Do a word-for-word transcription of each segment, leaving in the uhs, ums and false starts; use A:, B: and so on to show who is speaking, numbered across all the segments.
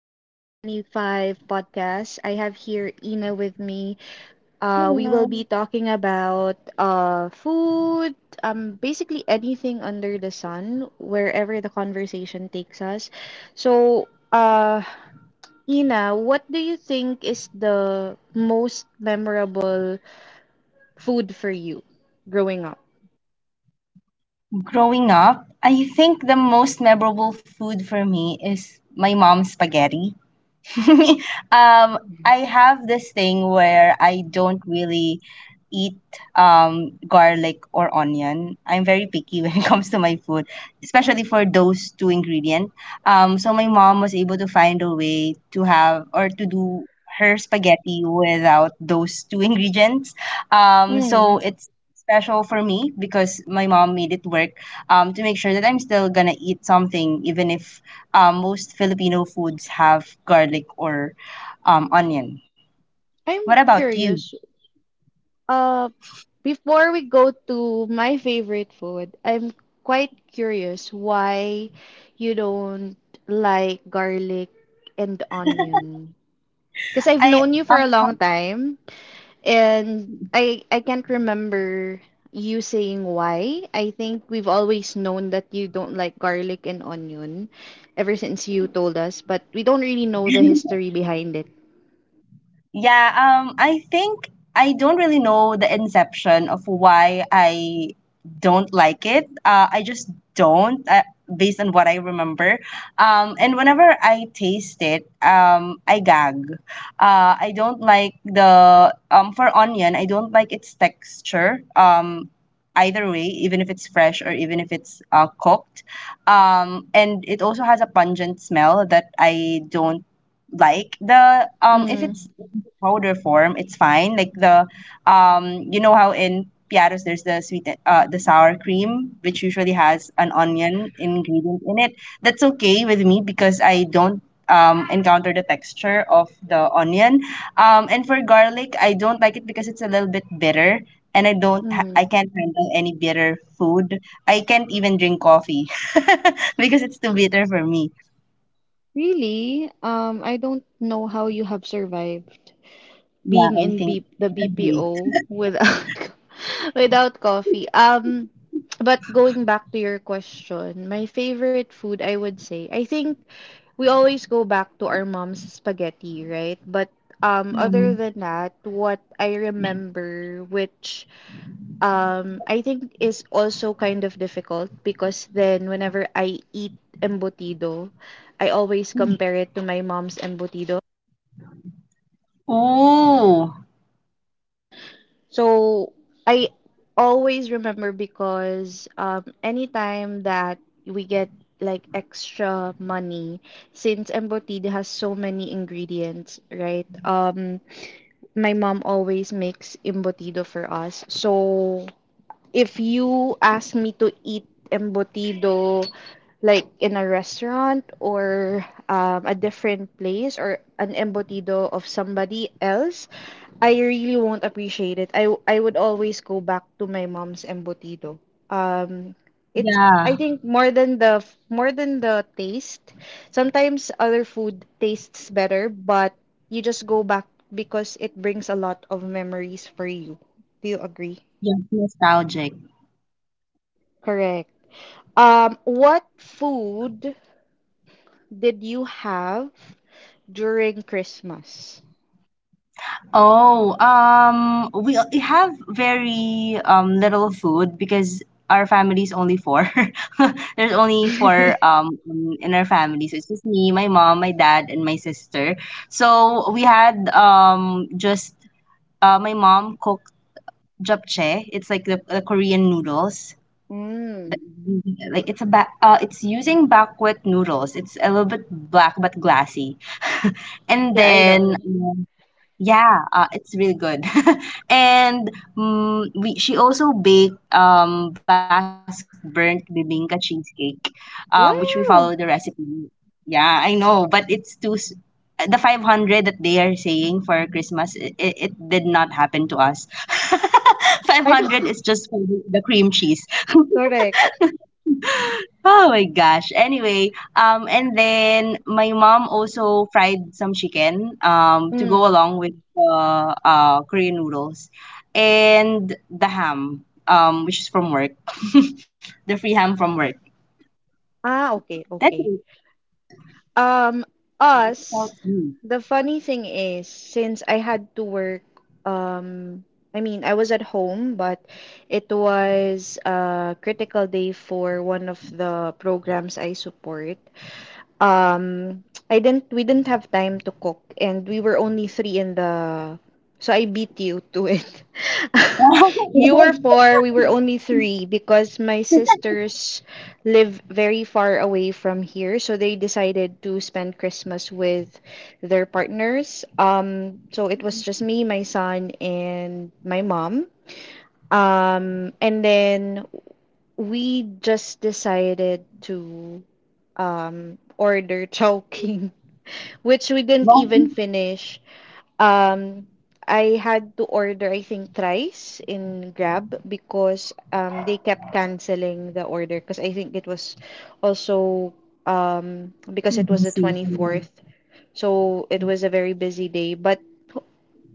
A: twenty twenty-five podcast. I have here Ina with me. Uh, we will be
B: Um,
A: talking about uh, food, um, basically anything under the sun, wherever the conversation takes us. So, uh, Ina, what do you think is the most memorable food for you growing up?
B: Growing up, I think the most memorable food for me is my mom's spaghetti. um, I have this thing where I don't really eat um, garlic or onion. I'm very picky when it comes to my food, especially for those two ingredients. Um, so my mom was able to find a way to have or to do her spaghetti without those two ingredients. Um,
A: Mm,
B: so it's special for me because my mom made it work um, to make sure that I'm still gonna eat something even if um, most Filipino foods have garlic or um, onion. What
A: I'm
B: about you?
A: curious. Uh. Before we go to my favorite food, I'm quite curious why you don't like garlic and onion. Because I've
B: I
A: known you for
B: uh,
A: a long time and I I can't remember you saying why. I think we've always known that you don't like garlic and onion ever since you told us, but we don't really know the history behind it.
B: Yeah, um, I think I don't really know the inception of why I don't like it. Uh, I just don't, uh, based on what I remember. Um, and whenever I taste it, um, I gag. Uh, I don't like the um for onion. I don't like its texture. Um, either way, even if it's fresh or even if it's uh, cooked. Um, and it also has a pungent smell that I don't like the um if
A: Mm,
B: it's powder form, it's fine. Like the um you know how in piatos there's the sweet uh the sour cream which usually has an onion ingredient in it. That's okay with me because I don't um, encounter the texture of the onion. Um, and for garlic, I don't like it because it's a little bit bitter, and I don't ha- I
A: mm.
B: can't handle any bitter food. I can't even drink coffee because it's too bitter for me.
A: Really? Um, I don't know how you have survived
B: Yeah,
A: being
B: I
A: in
B: think.
A: B the
B: I agree.
A: B P O without without coffee. Um, but going back to your question, my favorite food, I would say, I think we always go back to our mom's spaghetti, right? But um,
B: Yeah.
A: other than that, what I remember, which um, I think is also kind of difficult because then whenever I eat embutido, I always compare it to my mom's embutido.
B: Ooh,
A: So I always remember because um, anytime that we get like extra money, since embotida has so many ingredients, right? Um, my mom always makes embotida for us. So if you ask me to eat embutido like in a restaurant or um, a different place or an embutido of somebody else, I really won't appreciate it. I I would always go back to my mom's embutido. Um, it's I
B: yeah.
A: think more than the more than the taste. Sometimes other food tastes better, but you just go back because it brings a lot of memories for you. Do you agree?
B: Yes, nostalgic.
A: Correct. Um, what food did you have during Christmas?
B: Oh, um, we o- have very um little food because our family is only four. There's only four um in, in our family, so it's just me, my mom, my dad, and my sister. So we had um just uh my mom cooked japchae. It's like the, the Korean noodles.
A: mm.
B: That
A: Yeah,
B: Like it's a ba uh it's using buckwheat noodles. It's a little bit black but glassy. And
A: I don't
B: then
A: know.
B: um, Yeah, uh, it's really good. And mm we She also baked um Basque burnt bibingka cheesecake, um which we follow the
A: Wow.
B: recipe. Yeah, I know, but it's too s- the five hundred that they are saying for Christmas, it, it, it did not happen to us.
A: I don't
B: five hundred is just for the the cream cheese.
A: correct.
B: Oh my gosh. Anyway, um, and then my mom also fried some chicken, um, to go
A: Mm.
B: along with uh, uh, Korean noodles and the ham, um, which is from work, the free ham from work.
A: Ah, okay,
B: That's
A: okay.
B: it.
A: Um,
B: About
A: us,
B: you.
A: the funny thing is, since I had to work, um, I mean, I was at home, but it was a critical day for one of the programs I support. Um, I didn't we didn't have time to cook and we were only three in the so I beat you to it. You were four, we were only three because my sisters live very far away from here, so they decided to spend Christmas with their partners. Um, so it was just me, my son, and my mom. Um, and then we just decided to um, order choking, which we didn't
B: What is
A: even finish. Um, I had to order, I think, thrice in Grab because um, they kept canceling the order because I think it was also um, because
B: the
A: it was the
B: basic, um,
A: twenty-fourth. So it was a very busy day. But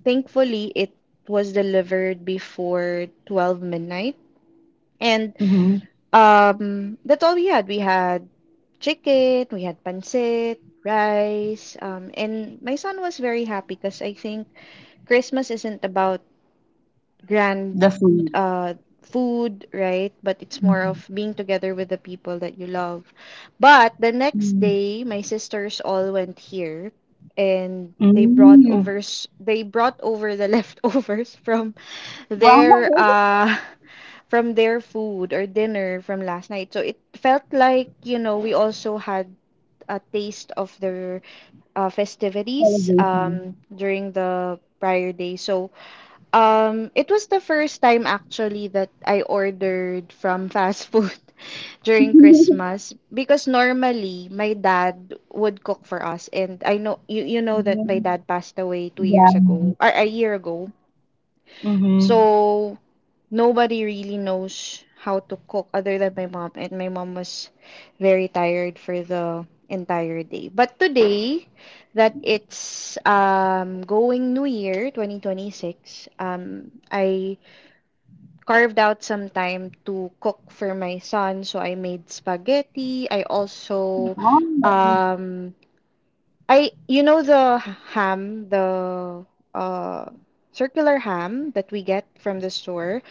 A: thankfully, it was delivered before twelve midnight. And
B: mhm.
A: Um, that's all we had. We had chicken, we had pancit, rice, um, and my son was very happy because I think Christmas isn't about
B: The
A: grand
B: food.
A: uh, food, right? But it's more of being together with the people that you love. But the next
B: Mm.
A: day, my sisters all went here, and they brought
B: Mm.
A: overs. They brought over the leftovers from
B: Wow, what
A: their
B: a
A: uh from their food or dinner from last night. So it felt like, you know, we also had a taste of their uh, festivities
B: celebration.
A: um, during the prior day. So um, it was the first time actually that I ordered from fast food during Christmas because normally my dad would cook for us and I know you you know
B: Yeah.
A: that my dad passed away two years ago or a year ago.
B: Mm-hmm.
A: So nobody really knows how to cook other than my mom and my mom was very tired for the entire day. But today that it's um going New Year twenty twenty-six, um I carved out some time to cook for my son. So I made spaghetti. I also, um, I you know the ham, the uh, circular ham that we get from the store.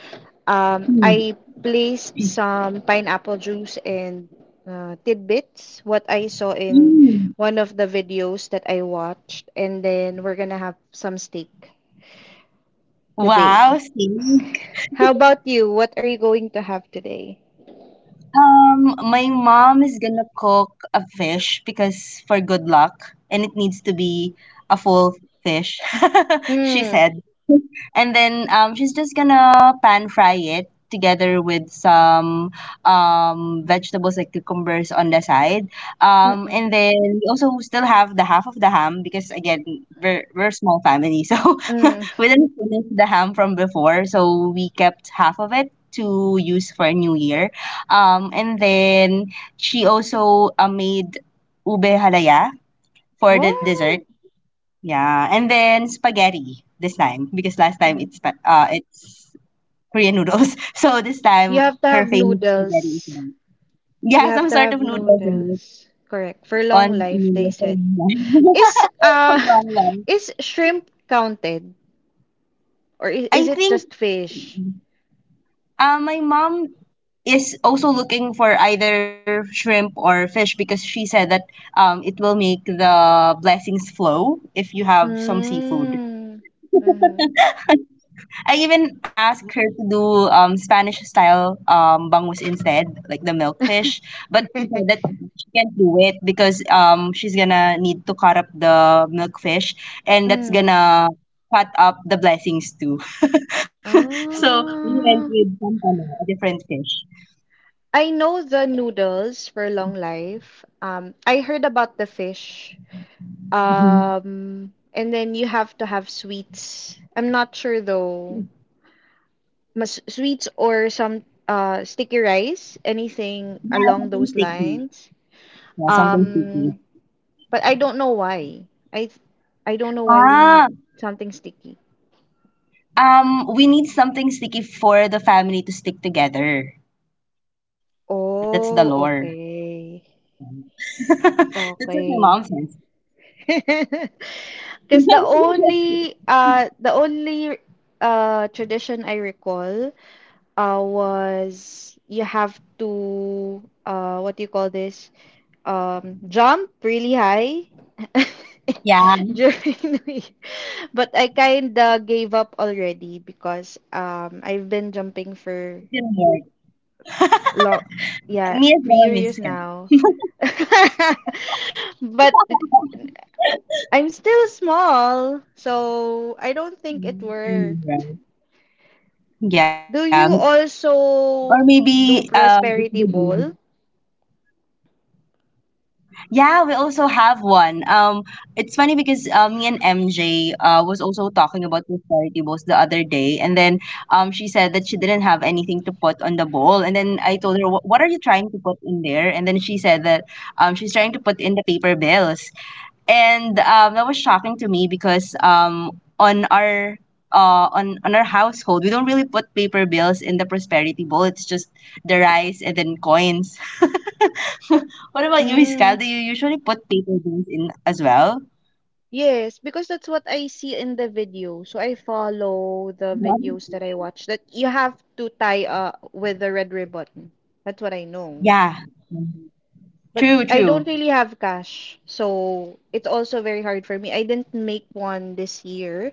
A: Um, I placed some pineapple juice and uh, tidbits. What I saw in one of the videos that I watched, and then we're gonna have some steak
B: Wow,
A: today.
B: see.
A: How about you? What are you going to have today?
B: Um, my mom is gonna cook a fish because for good luck, and it needs to be a full fish, she
A: Hmm.
B: said. And then um, she's just gonna pan fry it together with some um, vegetables like cucumbers on the side. Um,
A: Mm-mm.
B: and then we also still have the half of the ham because again we're we're a small family, so
A: Mm.
B: we didn't finish the ham from before, so we kept half of it to use for New Year. Um, and then she also uh, made ube halaya for the dessert.
A: Wow.
B: Yeah, and then spaghetti this time because last time
A: Yeah.
B: it's spa- uh it's Korean noodles. So this
A: You
B: time
A: have to
B: her
A: have
B: favorite spaghetti is
A: noodles.
B: like- yeah,
A: You
B: some
A: have to
B: sort of
A: have
B: noodles in it.
A: noodles. Correct. For long
B: On
A: life, they
B: noodles for
A: said.
B: long,
A: Is
B: for
A: uh
B: long long.
A: is shrimp counted or is,
B: I
A: is it
B: think
A: just fish?
B: uh, my mom is also looking for either shrimp or fish because she said that um it will make the blessings flow if you have some seafood.
A: Mm. Mm-hmm.
B: I even asked her to do um Spanish style um bangus instead, like the milkfish. But she said that she can't do it because um she's gonna need to cut up the milkfish, and that's
A: Mm.
B: gonna cut up the blessings too. So we went
A: Ah.
B: with pampano, a different fish.
A: I know the noodles for long life. Um, I heard about the fish.
B: Mhm.
A: Um, and then you have to have sweets. I'm not sure though. Mas sweets or some uh sticky rice, anything
B: Yeah,
A: along
B: something
A: those
B: sticky.
A: lines.
B: Yeah, something sticky.
A: Um, but I don't know why. I th- I don't know why we need
B: Ah,
A: something sticky.
B: um, we need something sticky for the family to stick together. That's the
A: Oh,
B: lore.
A: okay.
B: That's what my
A: Okay.
B: mom says.
A: Because the only uh the only uh tradition I recall uh was you have to uh what do you call this? Um jump really high
B: Yeah,
A: during the week. But I kinda gave up already because um I've been jumping
B: it
A: for
B: can work.
A: long yeah,
B: Me as
A: three
B: well,
A: years
B: Miss Ken.
A: now. But I'm still small, so I don't think it
B: Mm, I know,
A: worked.
B: right?
A: Do you
B: Yeah, m- or
A: also do
B: maybe um, it's
A: prosperity
B: the
A: bowl?
B: game. Yeah, we also have one. Um, it's funny because uh, me and M J uh, was also talking about prosperity bowls the other day, and then um, she said that she didn't have bowl, and then I told her, "Wh- "What are you trying to put in there?" And then she said that um, she's trying to put in the paper bills. And um, that was shocking to me because um, on our uh, on on our household we don't really put paper bills in the prosperity bowl. It's just the rice and then coins. What about you,
A: Hmm.
B: Iskal? Do you usually put paper bills in as well?
A: Yes, because that's what I see in the video. So I follow the videos that I
B: Mhm.
A: watch. That you have to tie uh with the red ribbon. That's what I know.
B: Yeah.
A: But I
B: True,
A: don't
B: true.
A: really have cash. So it's also very hard for me. I didn't make one this year.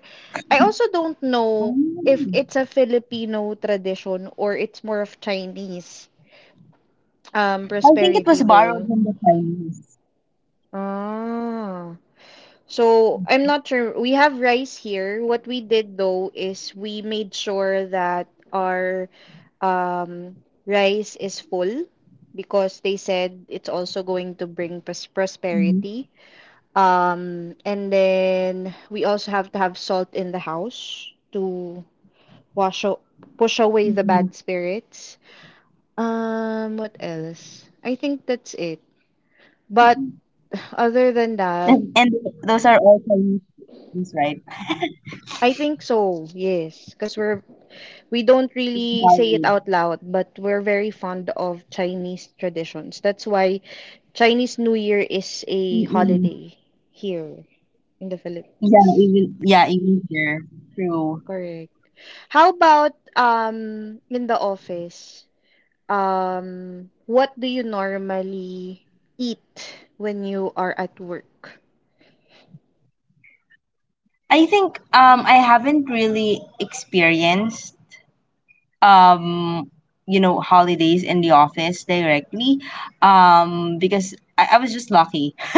A: I also don't know if
B: Mm.
A: it's a Filipino tradition or it's more of Chinese um
B: I think it
A: prosperity
B: was borrowed
A: bowl.
B: from the Chinese.
A: Ah. So I'm not sure. We have rice here. What we did though is we made sure that our um, rice is full because they said it's also
B: Mhm.
A: going to bring pros- prosperity. Um, and then we also have to have salt in the house to wash out, push away the bad spirits. Um, what else? I think that's it. But other
B: and,
A: than
B: and
A: that,
B: those are all Chinese things, right?
A: I think so, yes. Because we're we don't really
B: Borrowed.
A: say it out loud, but we're very fond of Chinese traditions. That's why Chinese New Year is a
B: Mm-mm.
A: holiday here in the
B: yeah
A: Philippines.
B: even yeah even there. True.
A: Correct. How about um in the office? Um, what do you normally eat when you are at work?
B: I think um I haven't really experienced um you know holidays in the office directly um because I, I was just lucky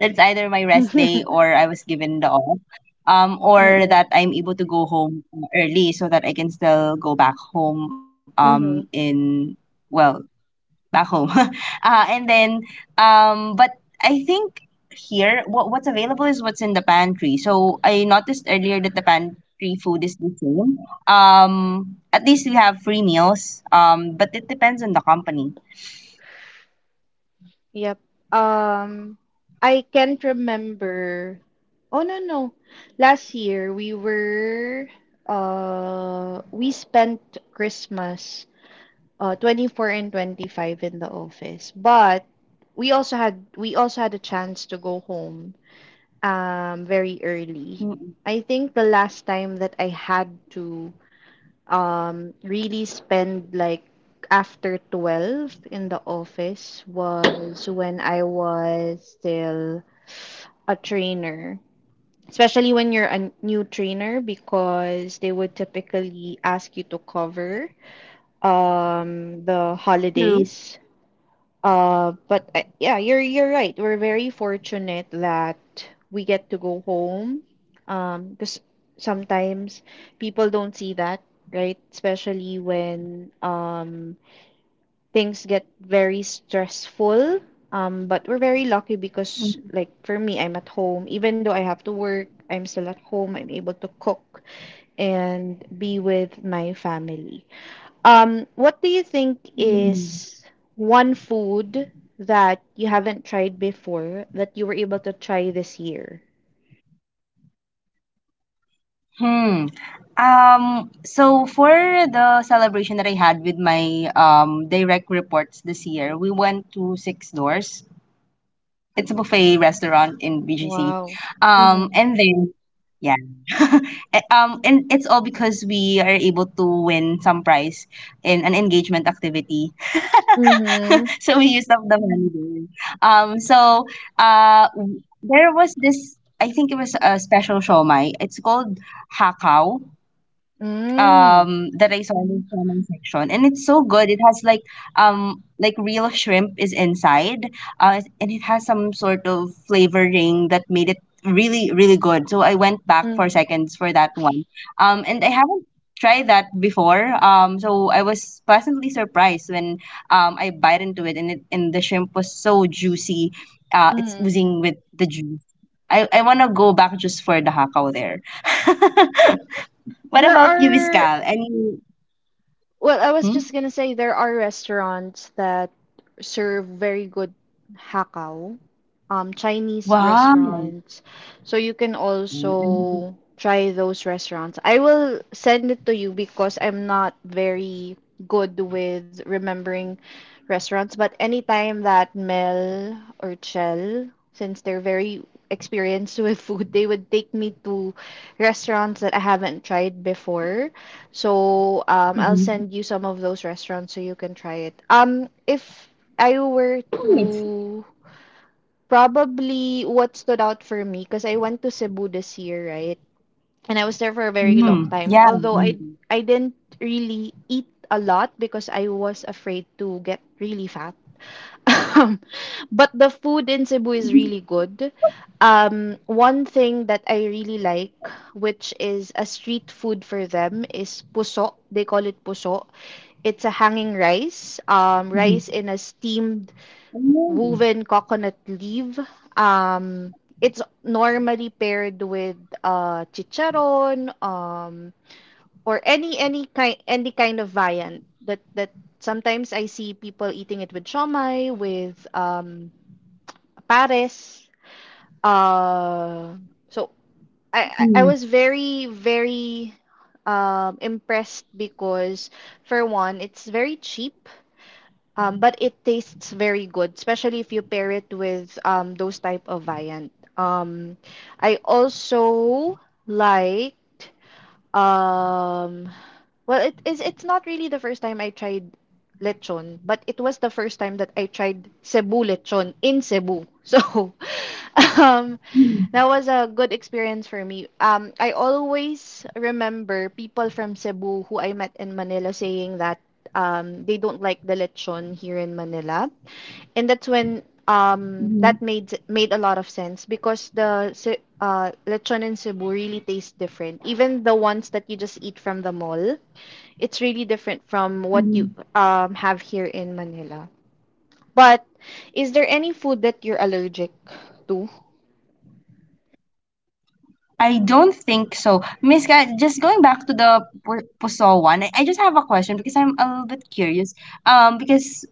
B: that's either my rest day
A: Mm-mm.
B: or I was given the off um or that I'm able to go home early so that I can still go back home um
A: Mm-hmm.
B: in well, back home. uh, and then, um, but I think here what what's available is what's in the pantry. So I noticed earlier that the pantry food is same. Um, at least we have free meals. Um, but it depends on the company.
A: Yep. Um, I can't remember. Oh no no. Last year we were uh we spent Christmas uh twenty four and twenty five in the office. But we also had we also had a chance to go home um very early.
B: Mm.
A: I think the last time that I had to um really spend like after twelve in the office was when I was still a trainer. Especially when you're a new trainer because they would typically ask you to cover um the
B: True.
A: holidays. Uh, but uh, yeah, you're you're right. We're very fortunate that we get to go home. Um, because sometimes people don't see that, right? Especially when um things get very stressful. Um, but we're very lucky because
B: Mm.
A: like for me, I'm at home. Even though I have to work, I'm still at home. I'm able to cook and be with my family. Um, what do you think
B: Mm.
A: is one food that you haven't tried before that you were able to try this year?
B: Hmm. Um, so for the celebration that I had with my um direct reports this year, we went to six doors. It's a buffet restaurant in B G C.
A: Wow.
B: Um, and then yeah, a- um, and it's all because we are able to win some prize in an engagement activity.
A: Mm-hmm.
B: So we used up the money there. Um, so uh, w- there was this. I think it was a special shawmai. It's called hakaw
A: Mm.
B: um that I saw in the salmon section, and it's so good. It has like um like real shrimp is inside, and it has some sort of flavoring that made it really really good. So I went back for
A: Mm,
B: seconds for that one, um, and I haven't tried that before. Um, so I was pleasantly surprised when um I bite into it, and it and the shrimp was so juicy. Uh, it's
A: mm.
B: oozing with the juice. I, I want to go back just for the hakao there. What
A: There
B: about you,
A: are,
B: Miscal? Any?
A: well, I was
B: Hmm?
A: just gonna say there are restaurants that serve very good hakao, um, Chinese
B: Wow.
A: restaurants. So you can
B: Hmm.
A: also try those restaurants. I will send it to you because I'm not very good with remembering restaurants, but anytime that Mel or Chell, since they're very experienced with food, they would take me to restaurants that I haven't tried before. So um, I'll send you some of those restaurants so you can try it. Um, if I were to Probably what stood out for me because I went to Cebu this year, right? And I was there for a very long time.
B: Yeah.
A: Although I I didn't really eat a lot because I was afraid to get really fat. But the food in Cebu is really good. Um, one thing that I really like, which is a street food for them, is puso. They call it puso. It's a hanging rice, um, rice in a steamed
B: Mm,
A: woven coconut leaf. Um, it's normally paired with uh, chicharon um, or any any kind any kind of viand that that sometimes I see people eating it with shomai with um, pares. Uh,
B: mm,
A: so I I I was very very um, impressed because for one, it's very cheap um, but it tastes very good, especially if you pair it with um, those type of viand. Um, I also liked um, well, it is it's not really the first time I tried lechon, but it was the first time that I tried Cebu lechon in Cebu. So,
B: mm,
A: um, that was a good experience for me. Um, I always remember people from Cebu who I met in Manila saying that um, they don't like the lechon here in Manila. And that's when
B: mhm,
A: um, that made made a lot of sense because the Ce- uh, lechon in Cebu really tastes different. Even the ones that you just eat from the mall, it's really different from what you
B: mhm.
A: um, have here in Manila. But is there any food that you're allergic to?
B: I don't think so. Miss Ka, just going back to the Pu- Puso one, I, I just have a question because I'm a little bit curious. Um, because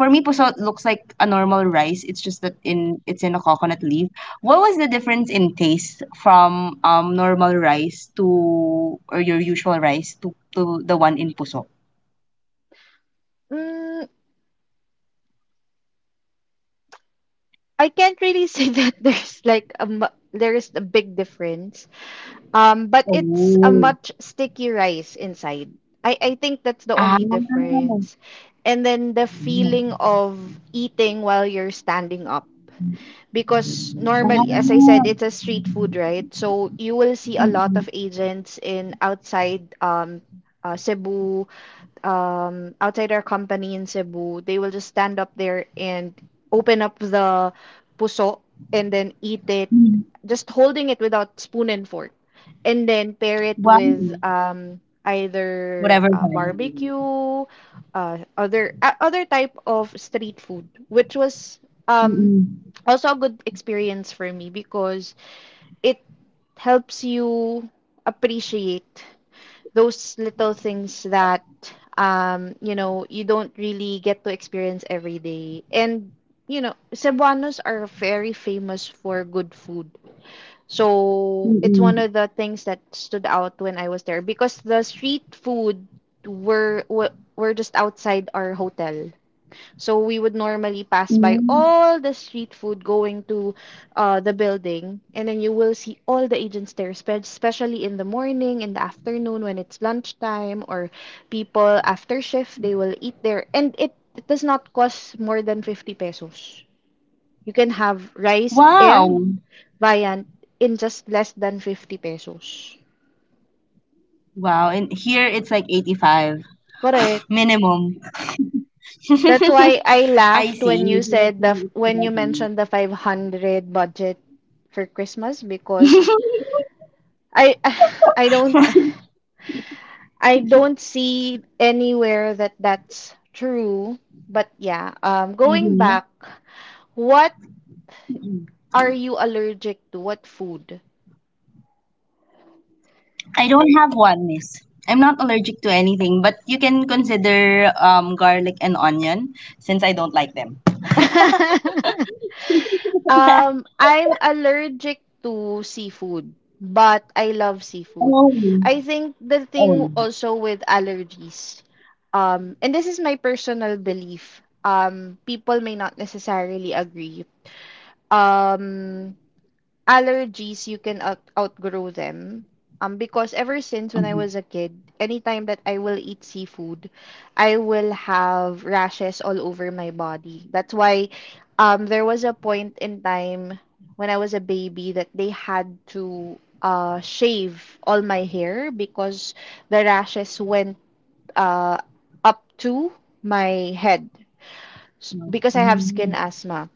B: for me, Puso looks like a normal rice. It's just that in it's in a coconut leaf. What was the difference in taste from um normal rice to or your usual rice to, to the one in Puso?
A: Mm, I can't really say that there's like a mu- there is a big difference. Um, but it's a
B: Oh.
A: much sticky rice inside. I I think that's the
B: Ah,
A: only difference. And then the feeling of eating while you're standing up because normally, as I
B: ah.
A: said, it's a street food, right? So you will see a lot of agents in outside um uh, Cebu, um outside our company in Cebu. They will just stand up there and open up the puso and then eat it,
B: Mm.
A: just holding it without spoon and fork, and then pair it
B: Wow.
A: with um either
B: Whatever
A: uh,
B: viral
A: barbecue,
B: video.
A: uh, other uh, other type of street food, which was um
B: Mm-mm.
A: also a good experience for me because it helps you appreciate those little things that um you know you don't really get to experience every day. And you know, Cebuanos are very famous for good food, so it's one
B: Mm-mm.
A: of the things that stood out when I was there because the street food were were were just outside our hotel. So we would normally pass by
B: Mm.
A: all the street food going to uh, the building, and then you will see all the agents there, spe- especially in the morning, in the afternoon when it's lunchtime, or people after shift, they will eat there. And it, it does not cost more than fifty pesos. You can have rice and
B: Wow.
A: viand in just less than fifty pesos.
B: Wow. And here it's like eighty-five
A: Correct.
B: minimum.
A: That's why I
B: I
A: laughed when
B: see.
A: you
B: So that
A: said the f-
B: means it's
A: when you
B: about me.
A: mentioned the five hundred budget for Christmas because I I don't I don't see anywhere that that's true. But yeah, um, going back,
B: Mhm.
A: what are you allergic to? What food?
B: I don't have one, miss. I'm not allergic to anything, but you can consider um garlic and onion since I don't like them.
A: Um, I'm allergic to seafood, but I love seafood.
B: Oh,
A: I think the
B: oh.
A: thing also with allergies, um, and this is my personal belief, um, people may not necessarily agree. Um, allergies, you can out- outgrow them, um because ever since when I
B: Mm-hmm.
A: was a kid, anytime that I will eat seafood, I will have rashes all over my body. That's why um there was a point in time when I was a baby that they had to uh shave all my hair because the rashes went uh up to my head. S- because I have skin asthma.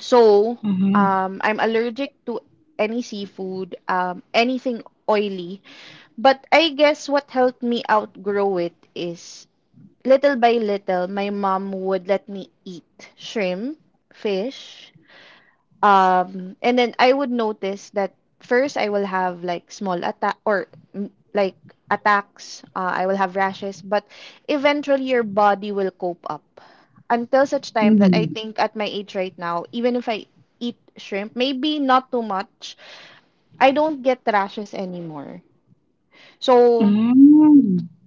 A: So,
B: Mm-hmm.
A: um, I'm allergic to any seafood, um, anything oily. But I guess what helped me outgrow it is little by little, my mom would let me eat shrimp, fish. Um, and then I would notice that first I will have like small attack or mm, like attacks. Uh, I will have rashes, but eventually your body will cope up until such time that I
B: Mm-hmm.
A: think at my age right now, even if I eat shrimp, maybe not too much, I don't get rashes anymore. So
B: Mm.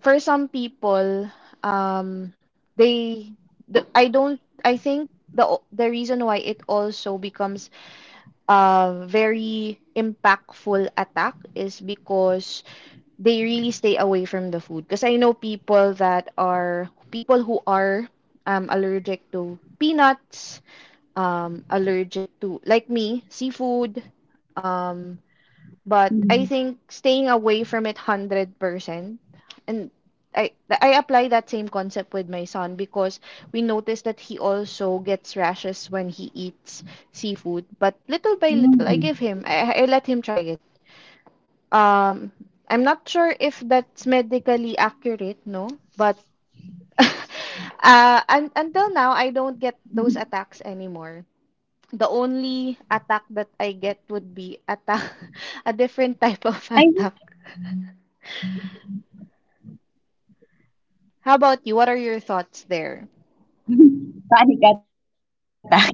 A: for some people, um, they, the, I don't, I think the the reason why it also becomes uh, very impactful attack is because they really stay away from the food. Because I know people that are people who are um, allergic to peanuts, um, allergic to, like me, seafood, um, but
B: Mhm.
A: I think staying away from it one hundred percent. And I I apply that same concept with my son because we noticed that he also gets rashes when he eats seafood. But little by little, I give him, I, I let him try it. Um, I'm not sure if that's
B: Mhm.
A: medically accurate, no, but uh, un until now, I don't get those attacks anymore. The only attack that I get would be attack, a different type of attack.
B: I
A: How about you? What are your thoughts there?
B: panic attack.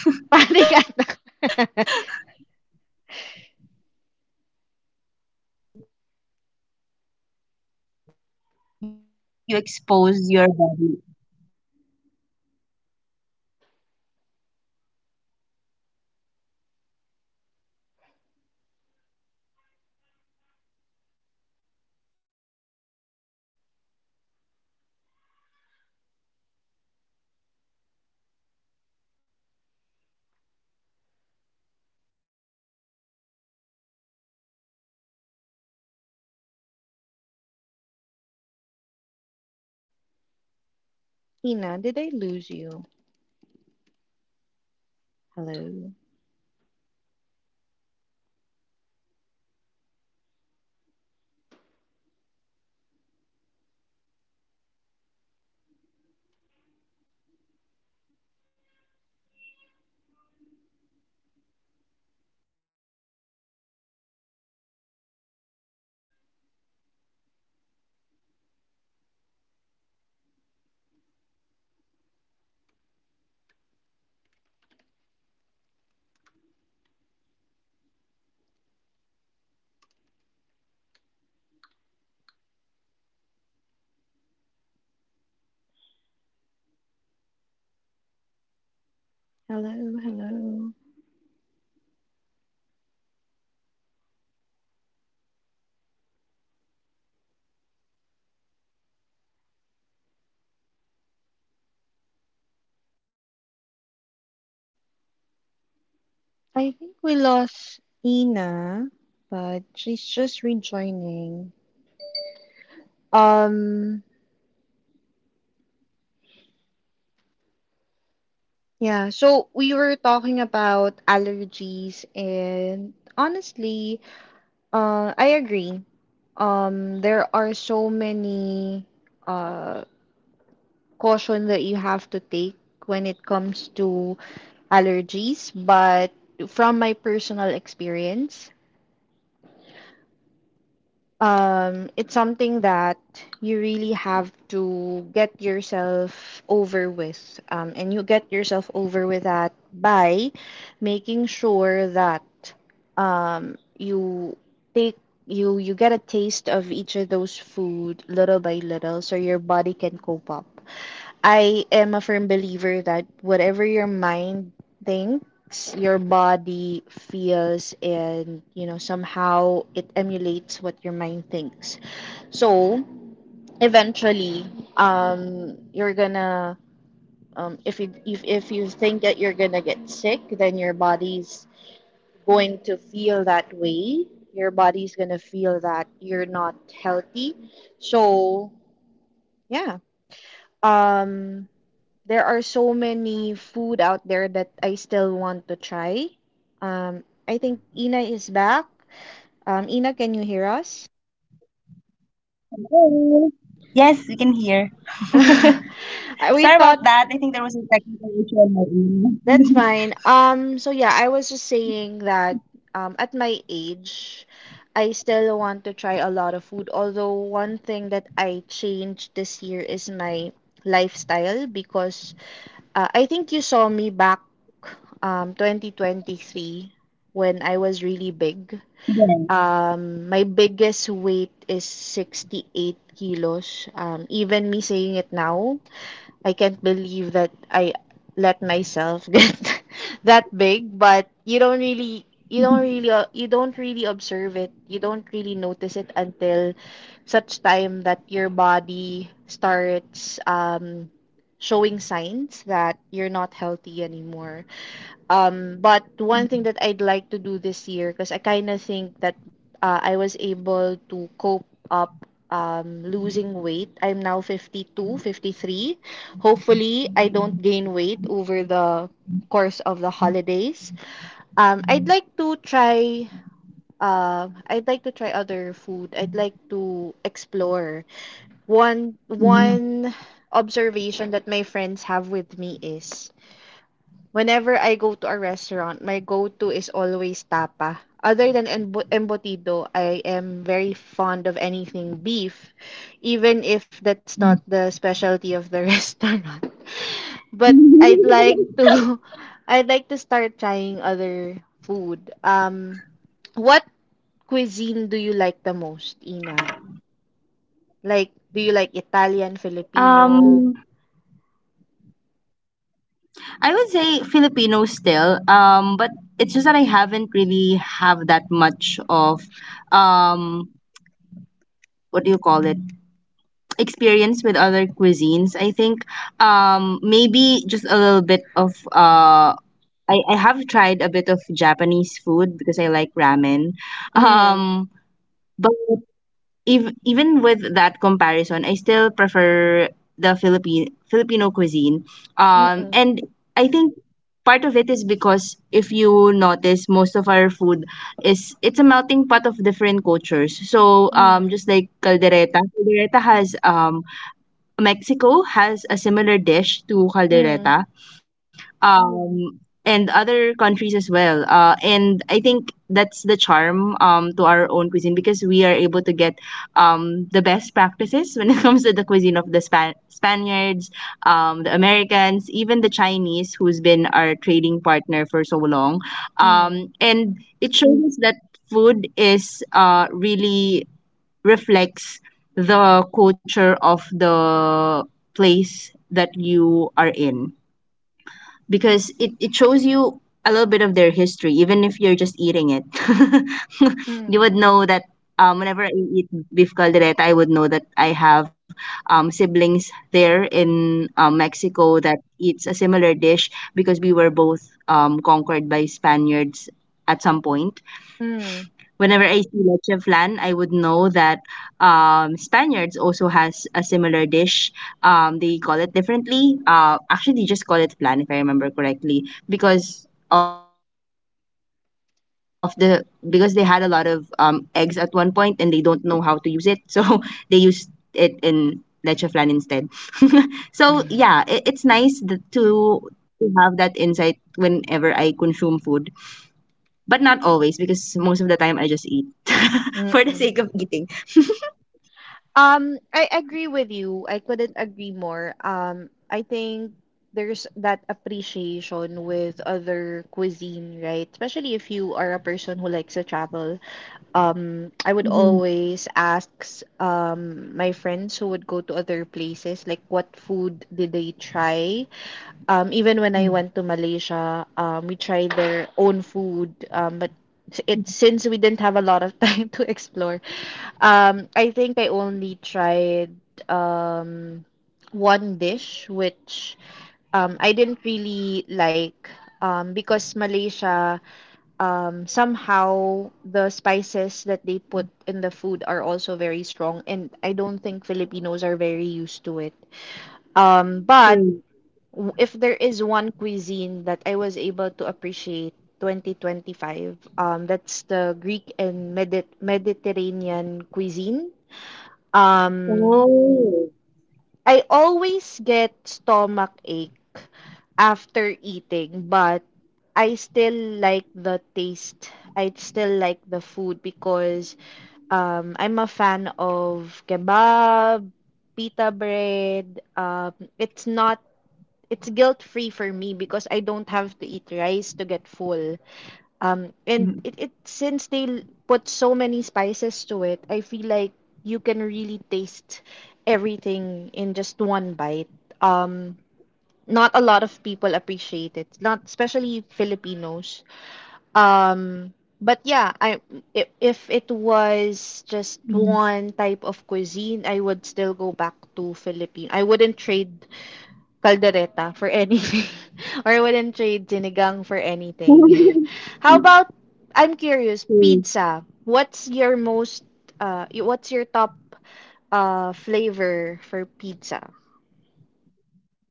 A: Panic attack.
B: Um, I think there's some truth to it because um, the more that you expose your body to it, um, the more that hello.
A: Ina, did I lose you? Hello? Hello? Hello? I think we lost Ina, but she's just rejoining. Um, yeah, so we were talking about allergies, and honestly, uh, I agree. Um, there are so many uh, caution that you have to take when it comes to allergies, but from my personal experience, um, it's something that you really have to get yourself over with. Um, and you get yourself over with that by making sure that um, you take you you get a taste of each of those food little by little so your body can cope up. I am a firm believer that whatever your mind thinks, your body feels, and you know, somehow it emulates what your mind thinks. So eventually, um, you're gonna um, if you if, if you think that you're gonna get sick, then your body's going to feel that way. Your body's gonna feel that you're not healthy. So yeah, um, there are so many food out there that I still want to try. Um, I think Ina is back. Um, Ina, can you hear us?
B: Hello. Yes, we can hear. Sorry about that. I think there was a technical
A: We
B: issue
A: thought.
B: on my end.
A: That's fine. Um, so yeah, I was just saying that um, at my age, I still want to try a lot of food. Although one thing that I changed this year is my lifestyle because uh, I think you saw me back um twenty twenty-three when I was really big.
B: Yeah.
A: Um, my biggest weight is sixty-eight kilos. Um, even me saying it now, I can't believe that I let myself get that big, but you don't really you don't really uh, you don't really observe it. You don't really notice it until such time that your body starts um showing signs that you're not healthy anymore. Um, but one thing that I'd like to do this year, because I kind of think that uh, I was able to cope up um, losing weight. I'm now fifty-two, fifty-three. Hopefully, I don't gain weight over the course of the holidays. Um, I'd like to try. Uh, I'd like to try other food. I'd like to explore. One
B: Mhm.
A: one observation that my friends have with me is whenever I go to a restaurant, my go-to is always tapa. Other than embo- embotido, I am very fond of anything beef, even if that's not the specialty of the restaurant. But I'd like to I'd like to start trying other food. Um, what cuisine do you like the most, Ina? Like, do you like
B: Um,
A: Italian, Filipino?
B: I would say Filipino still, um, but it's just that I haven't really have that much of um what do you call it experience with other cuisines. I think um maybe just a little bit of uh I, I have tried a bit of Japanese food because I like ramen.
A: Mm,
B: Um, but ev- even with that comparison, I still prefer the Philippine Filipino cuisine. Um,
A: mm-mm,
B: and I think part of it is because if you notice, most of our food is it's a melting pot of different cultures. So um,
A: mm,
B: just like caldereta, caldereta has um, Mexico has a similar dish to
A: mm,
B: caldereta, um, and other countries as well. Uh, and I think that's the charm, um, to our own cuisine because we are able to get um, the best practices when it comes to the cuisine of the Span- Spaniards, um, the Americans, even the Chinese, who's been our trading partner for so long.
A: mm,
B: Um,
A: mm,
B: and it shows us that food is uh, really reflects the culture of the place that you are in because it, it shows you a little bit of their history, even if you're just eating it. You
A: mm.
B: would know that um, whenever I eat beef caldereta, I would know that I have um, siblings there in um, Mexico that eats a similar dish because we were both um, conquered by Spaniards at some point.
A: Mm.
B: Whenever I see leche flan, I would know that um, Spaniards also has a similar dish. Um, they call it differently. Uh, actually, they just call it flan if I remember correctly, because of the because they had a lot of um, eggs at one point and they don't know how to use it, so they used it in leche flan instead. So yeah, it, it's nice th-
A: Mm.
B: to to have that insight whenever I consume food, but not always because most of the time I just eat for the sake of eating.
A: Mm-mm. Um, I agree with you. I couldn't agree more. Um, I think there's that appreciation with other cuisine, right? Especially if you are a person who likes to travel. Um, I would
B: Mm-hmm.
A: always ask um my friends who would go to other places, like what food did they try? Um, even when I went to Malaysia, um we tried their own food, um but s- it since we didn't have a lot of time to explore, Um, I think I only tried um one dish which um I didn't really like um because Malaysia, um somehow the spices that they put in the food are also very strong and I don't think Filipinos are very used to it. Um, but
B: True.
A: w- if there is one cuisine that I was able to appreciate twenty twenty-five, um, that's the Greek and Medi Mediterranean cuisine. Um,
B: Oh.
A: I always get stomach ache after eating, but I still like the taste. I still like the food because um, I'm a fan of kebab, pita bread. Um, it's not, it's guilt-free for me because I don't have to eat rice to get full. Um, and it, it since they l- put so many spices to it, I feel like you can really taste everything in just one bite. Um, not a lot of people appreciate it, not especially Filipinos. Um, but yeah, I if, if it
B: Mhm.
A: was just one type of cuisine, I would still go back to Philippine. I wouldn't trade caldereta for anything or I wouldn't trade sinigang for anything. How about, I'm curious,
B: True.
A: pizza. What's your most uh y- what's your top uh flavor for pizza?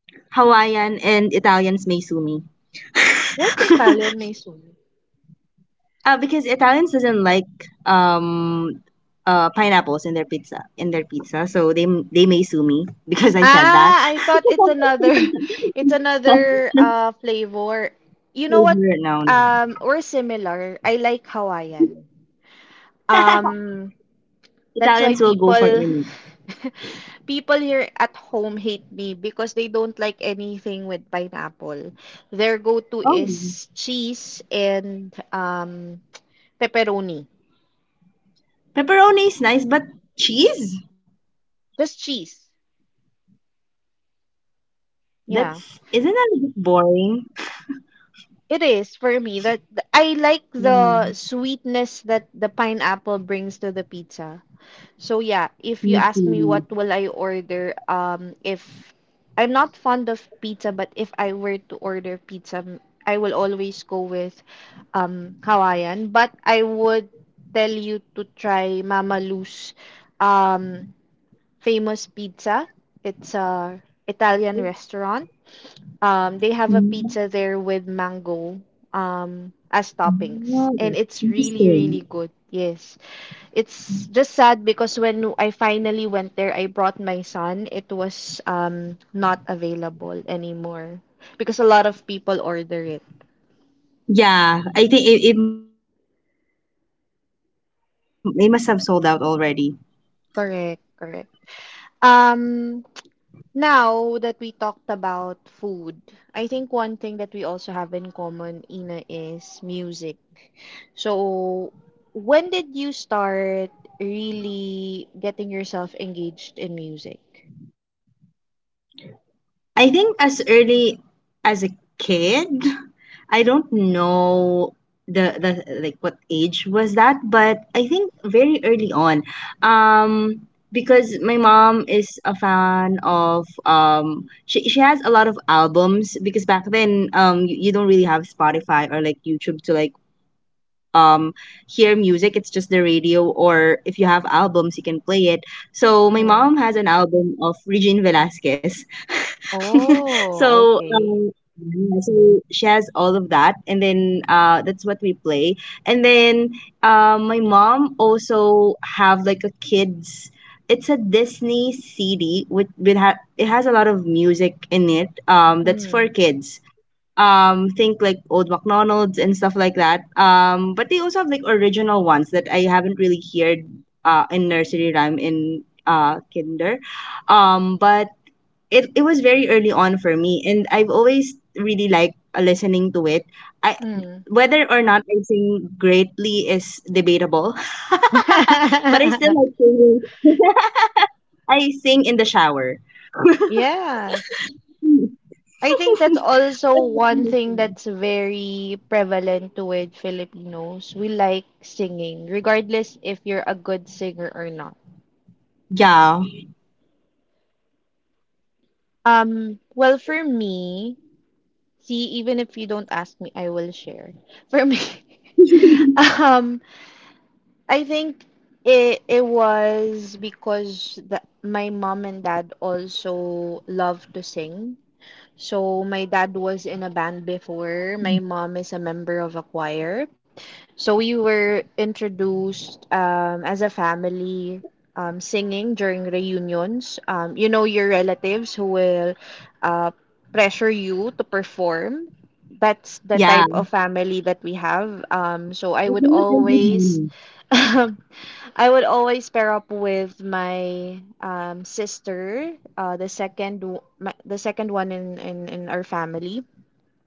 B: Hawaiian and Italians may sue me.
A: What's Italian may—
B: Uh, because Italians doesn't like um uh pineapples in their pizza in their pizza, so they they may sue me because I said that.
A: ah, I thought it's another it's another uh flavor. You know what?
B: Favorite noun.
A: Um, we're similar. I like Hawaiian. Um, That's why
B: Italians will go for
A: people
B: any.
A: people here at home hate me because they don't like anything with pineapple. Their go-to
B: Oh,
A: is cheese and um pepperoni.
B: pepperoni is nice, but cheese?
A: Just cheese. Yeah.
B: That's Isn't that a bit boring?
A: It is for me that I like
B: Yeah,
A: the sweetness that the pineapple brings to the pizza. So yeah, if you
B: me
A: ask me
B: too.
A: what will I order, um, if I'm not fond of pizza, but if I were to order pizza, m- I will always go with um Hawaiian. But I would tell you to try Mama Lu's um famous pizza. It's a Italian restaurant. Um, they have a
B: Mm,
A: pizza there with mango um as toppings,
B: wow,
A: and it's really
B: interesting.
A: really good. Yes. It's just sad because when I finally went there, I brought my son. It was um not available anymore because a lot of people order it.
B: Yeah, I think it, it, it must have sold out already.
A: Correct, correct. Um, Now that we talked about food, I think one thing that we also have in common, Ina, is music. So, when did you start really getting yourself engaged in music?
B: I think as early as a kid, I don't know the the like what age was that, but I think very early on, um, because my mom is a fan of um, she she has a lot of albums because back then um you, you don't really have Spotify or like YouTube to like um hear music. It's just the radio, or if you have albums, you can play it. So my
A: Hmm.
B: mom has an album of Regine Velasquez.
A: Oh,
B: so
A: okay.
B: um, yeah, so she has all of that, and then uh that's what we play. And then uh, my mom also have like a kids, it's a Disney CD with, with ha- it has a lot of music in it, um that's for
A: Hmm.
B: kids, um think like Old McDonald's and stuff like that, um but they also have like original ones that I haven't really heard uh in nursery rhyme, in uh kinder, um but it it was very early on for me, and I've always really liked uh, listening to it. I
A: Hmm.
B: Whether or not I sing greatly is debatable. But I still like singing. I sing in the shower.
A: Yes. I think that's also one thing that's very prevalent with Filipinos. We like singing, regardless if you're a good singer or not.
B: Yeah.
A: Um, well, for me, see, even if you don't ask me, I will share. For me, um, I think it it was because the, my mom and dad also love to sing. So my dad was in a band before. My mom is a member of a choir. So we were introduced um, as a family, um, singing during reunions. Um, you know your relatives who will uh, pressure you to perform. That's the
B: Yeah.
A: type of family that we have. Um, so I
B: As
A: would
B: long as they give
A: always,
B: money.
A: I would always pair up with my um, sister, uh, the second, w- my, the second one in, in, in our family,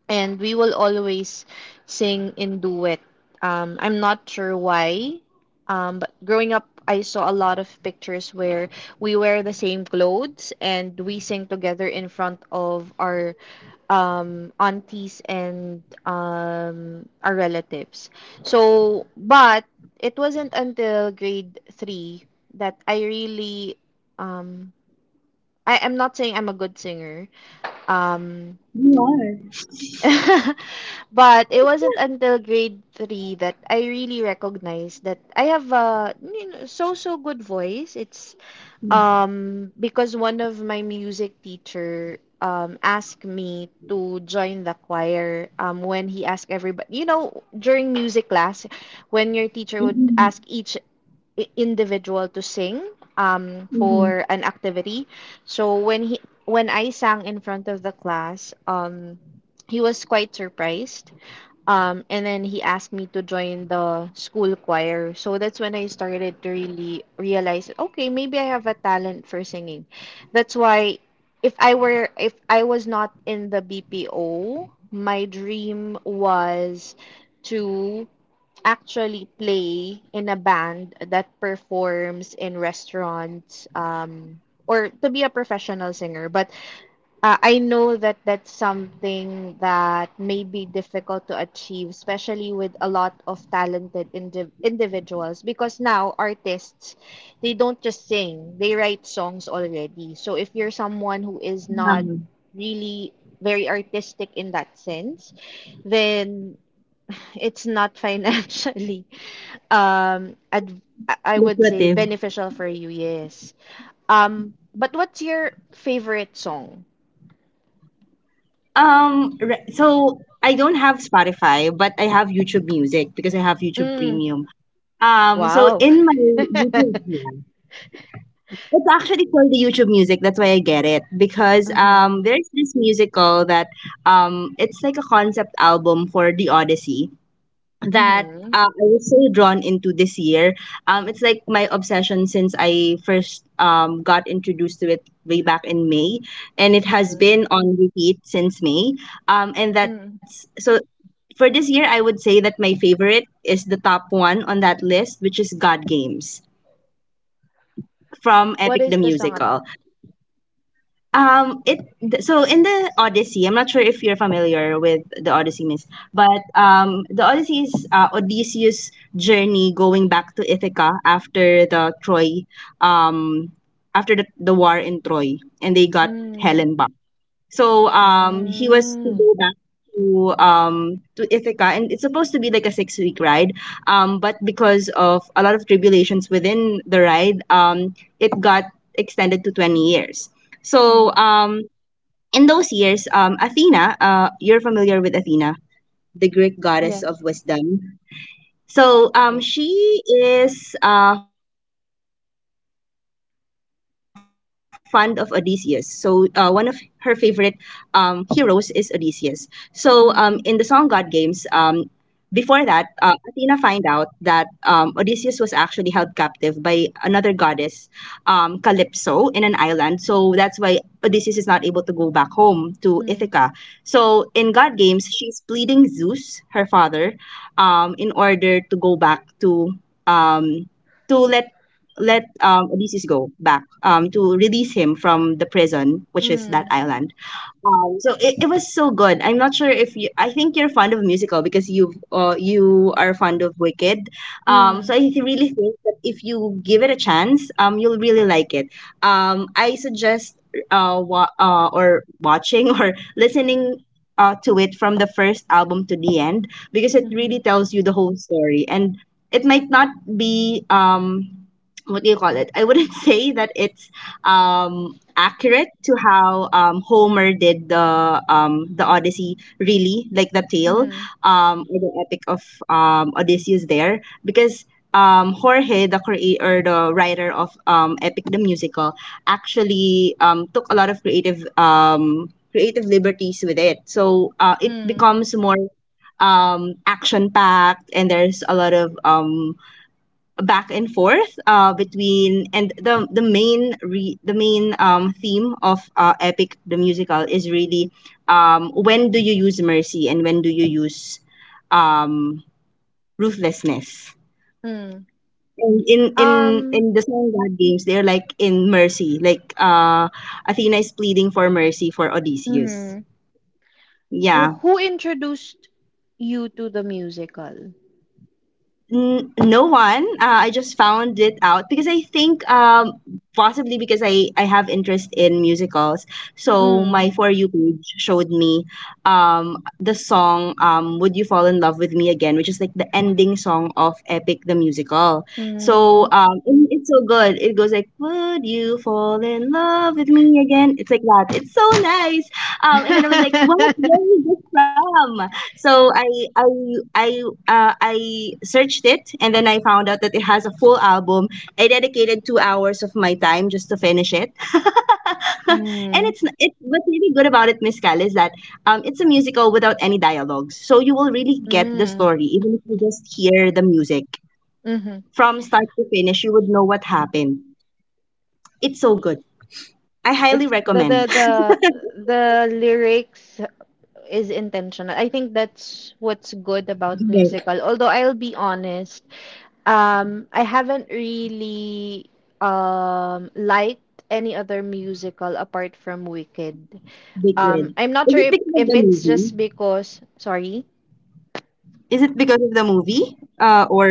A: and we will always sing in duet. Um, I'm not sure why, um, but growing up, I saw a lot of pictures where we wear the same clothes, and we sing together in front of our um, aunties and um, our relatives. So, but it wasn't until grade three that I really, um, I am not saying I'm a good singer. Um,
B: You are.
A: But it wasn't until grade three that I really recognized that I have a, you know, so so good voice. It's um because one of my music teacher um asked me to join the choir um when he asked everybody, you know, during music class, when your teacher would
B: Mhm,
A: ask each i- individual to sing um
B: mhm,
A: for an activity. So when he when I sang in front of the class, um he was quite surprised. Um, and then he asked me to join the school choir. So that's when I started to really realize that okay, maybe I have a talent for singing. That's why, if I were if I was not in the B P O, my dream was to actually play in a band that performs in restaurants, um or to be a professional singer, but uh, I know that that's something that may be difficult to achieve, especially with a lot of talented indi individuals, because now artists, they don't just sing, they write songs already. So if you're someone who is
B: yeah.
A: not really very artistic in that sense, then it's not financially um ad- I would say
B: Lucrative.
A: beneficial for you, yes. Um, but what's your favorite song?
B: Um, re- so I don't have Spotify, but I have YouTube Music because I have YouTube
A: Mm,
B: Premium. Um, so
A: wow.
B: in my YouTube playlist, it's actually called the YouTube music. That's why I get it because um,
A: Mm-hmm.
B: there's this musical that um, it's like a concept album for the Odyssey that
A: Mm-hmm.
B: uh, I was so drawn into this year. Um, it's like my obsession since I first um, got introduced to it way back in May, and it has
A: Mm-hmm.
B: been on repeat since May. Um, and
A: Mm.
B: that's so For this year, I would say that my favorite is the top one on that list, which is God Games. From
A: What
B: Epic the
A: is the song
B: Musical.
A: about?
B: Um, it th- so in the Odyssey, I'm not sure if you're familiar with the Odyssey, Miss, but um, the Odyssey is uh, Odysseus' journey going back to Ithaca after the Troy, um, after the, the war in Troy, and they got
A: Mm.
B: Helen back. So um, he was to
A: Mm.
B: go back to um, to Ithaca, and it's supposed to be like a six week ride. Um, but because of a lot of tribulations within the ride, um, it got extended to twenty years. So
A: Mm.
B: um, in those years, um, Athena, uh, you're familiar with Athena, the Greek goddess
A: Yes.
B: of wisdom. So um,
A: Yes.
B: she is a fond of Odysseus. So uh, one of her favorite um, heroes is Odysseus. So um, in the song God Games, um, before
A: Mm.
B: that, uh, Athena find out that um, Odysseus was actually held captive by another goddess, um, Calypso, in an island. So that's why Odysseus is not able to go back home to Ithaca. So
A: Mm.
B: in God Games, she's pleading Zeus, her father, um, in order to go back to um, to let let um, Odysseus go back, um, to release him from the prison, which is that
A: Mm.
B: island. Um, so it, it was so good. I'm not sure if you. I think you're fond of musical because you uh, you are fond of Wicked. Um, so
A: Mm.
B: I th- really think that if you give it a chance, um, you'll really like it. Um, I suggest uh, wa- uh or watching or listening uh to it from the first album to the end because it
A: Mm-hmm.
B: really tells you the whole story, and it might not be um what do you call it? I wouldn't say that it's um accurate to how um, Homer did the um, the Odyssey really like tale,
A: Mm.
B: um, or the epic of um, Odysseus there, because um, Jorge, the creator or the writer of um, Epic the Musical, actually um, took a lot of creative um, creative liberties with it, so uh, it
A: Mm.
B: becomes more um, action packed, and there's a lot of um, back and forth uh, between, and the the main re, the main um, theme of uh, Epic the Musical is really, um, when do you use mercy and when do you use um, ruthlessness,
A: Mm.
B: and in in
A: Um.
B: in the song God Games, they're like in mercy, like uh, Athena is pleading for mercy for Odysseus,
A: Mm-hmm.
B: yeah.
A: Who introduced you to the musical?
B: N- no one. Uh, I just found it out because I think um possibly because I I have interest in musicals. So
A: Mm.
B: my for you page showed me um the song, um Would You Fall in Love with Me Again, which is like the ending song of Epic the Musical. So
A: Mm.
B: um and it's so good. It goes like, would you fall in love with me again? It's like that. It's so nice. Um and then I was like, what? Where is this from? So I I I uh, I searched it, and then I found out that it has a full album. I dedicated two hours of my time just to finish it. And
A: Mm.
B: it's n- it what's really good about it, Miss Cal, is that um, it's a musical without any dialogues. So you will really get the
A: Mm.
B: story even if you just hear the music
A: Mhm.
B: from start to finish. You would know what happened. It's so good. I highly
A: It's the the
B: recommend.
A: the the lyrics is intentional. I think that's what's good about
B: Yes,
A: musical. Although I'll be honest, um, I haven't really um liked any other musical apart from Wicked.
B: big
A: Um,
B: win.
A: I'm not
B: Is
A: sure
B: it
A: if,
B: because of
A: if
B: the
A: it's
B: movie?
A: just because, sorry.
B: Is it because of the movie? Uh, or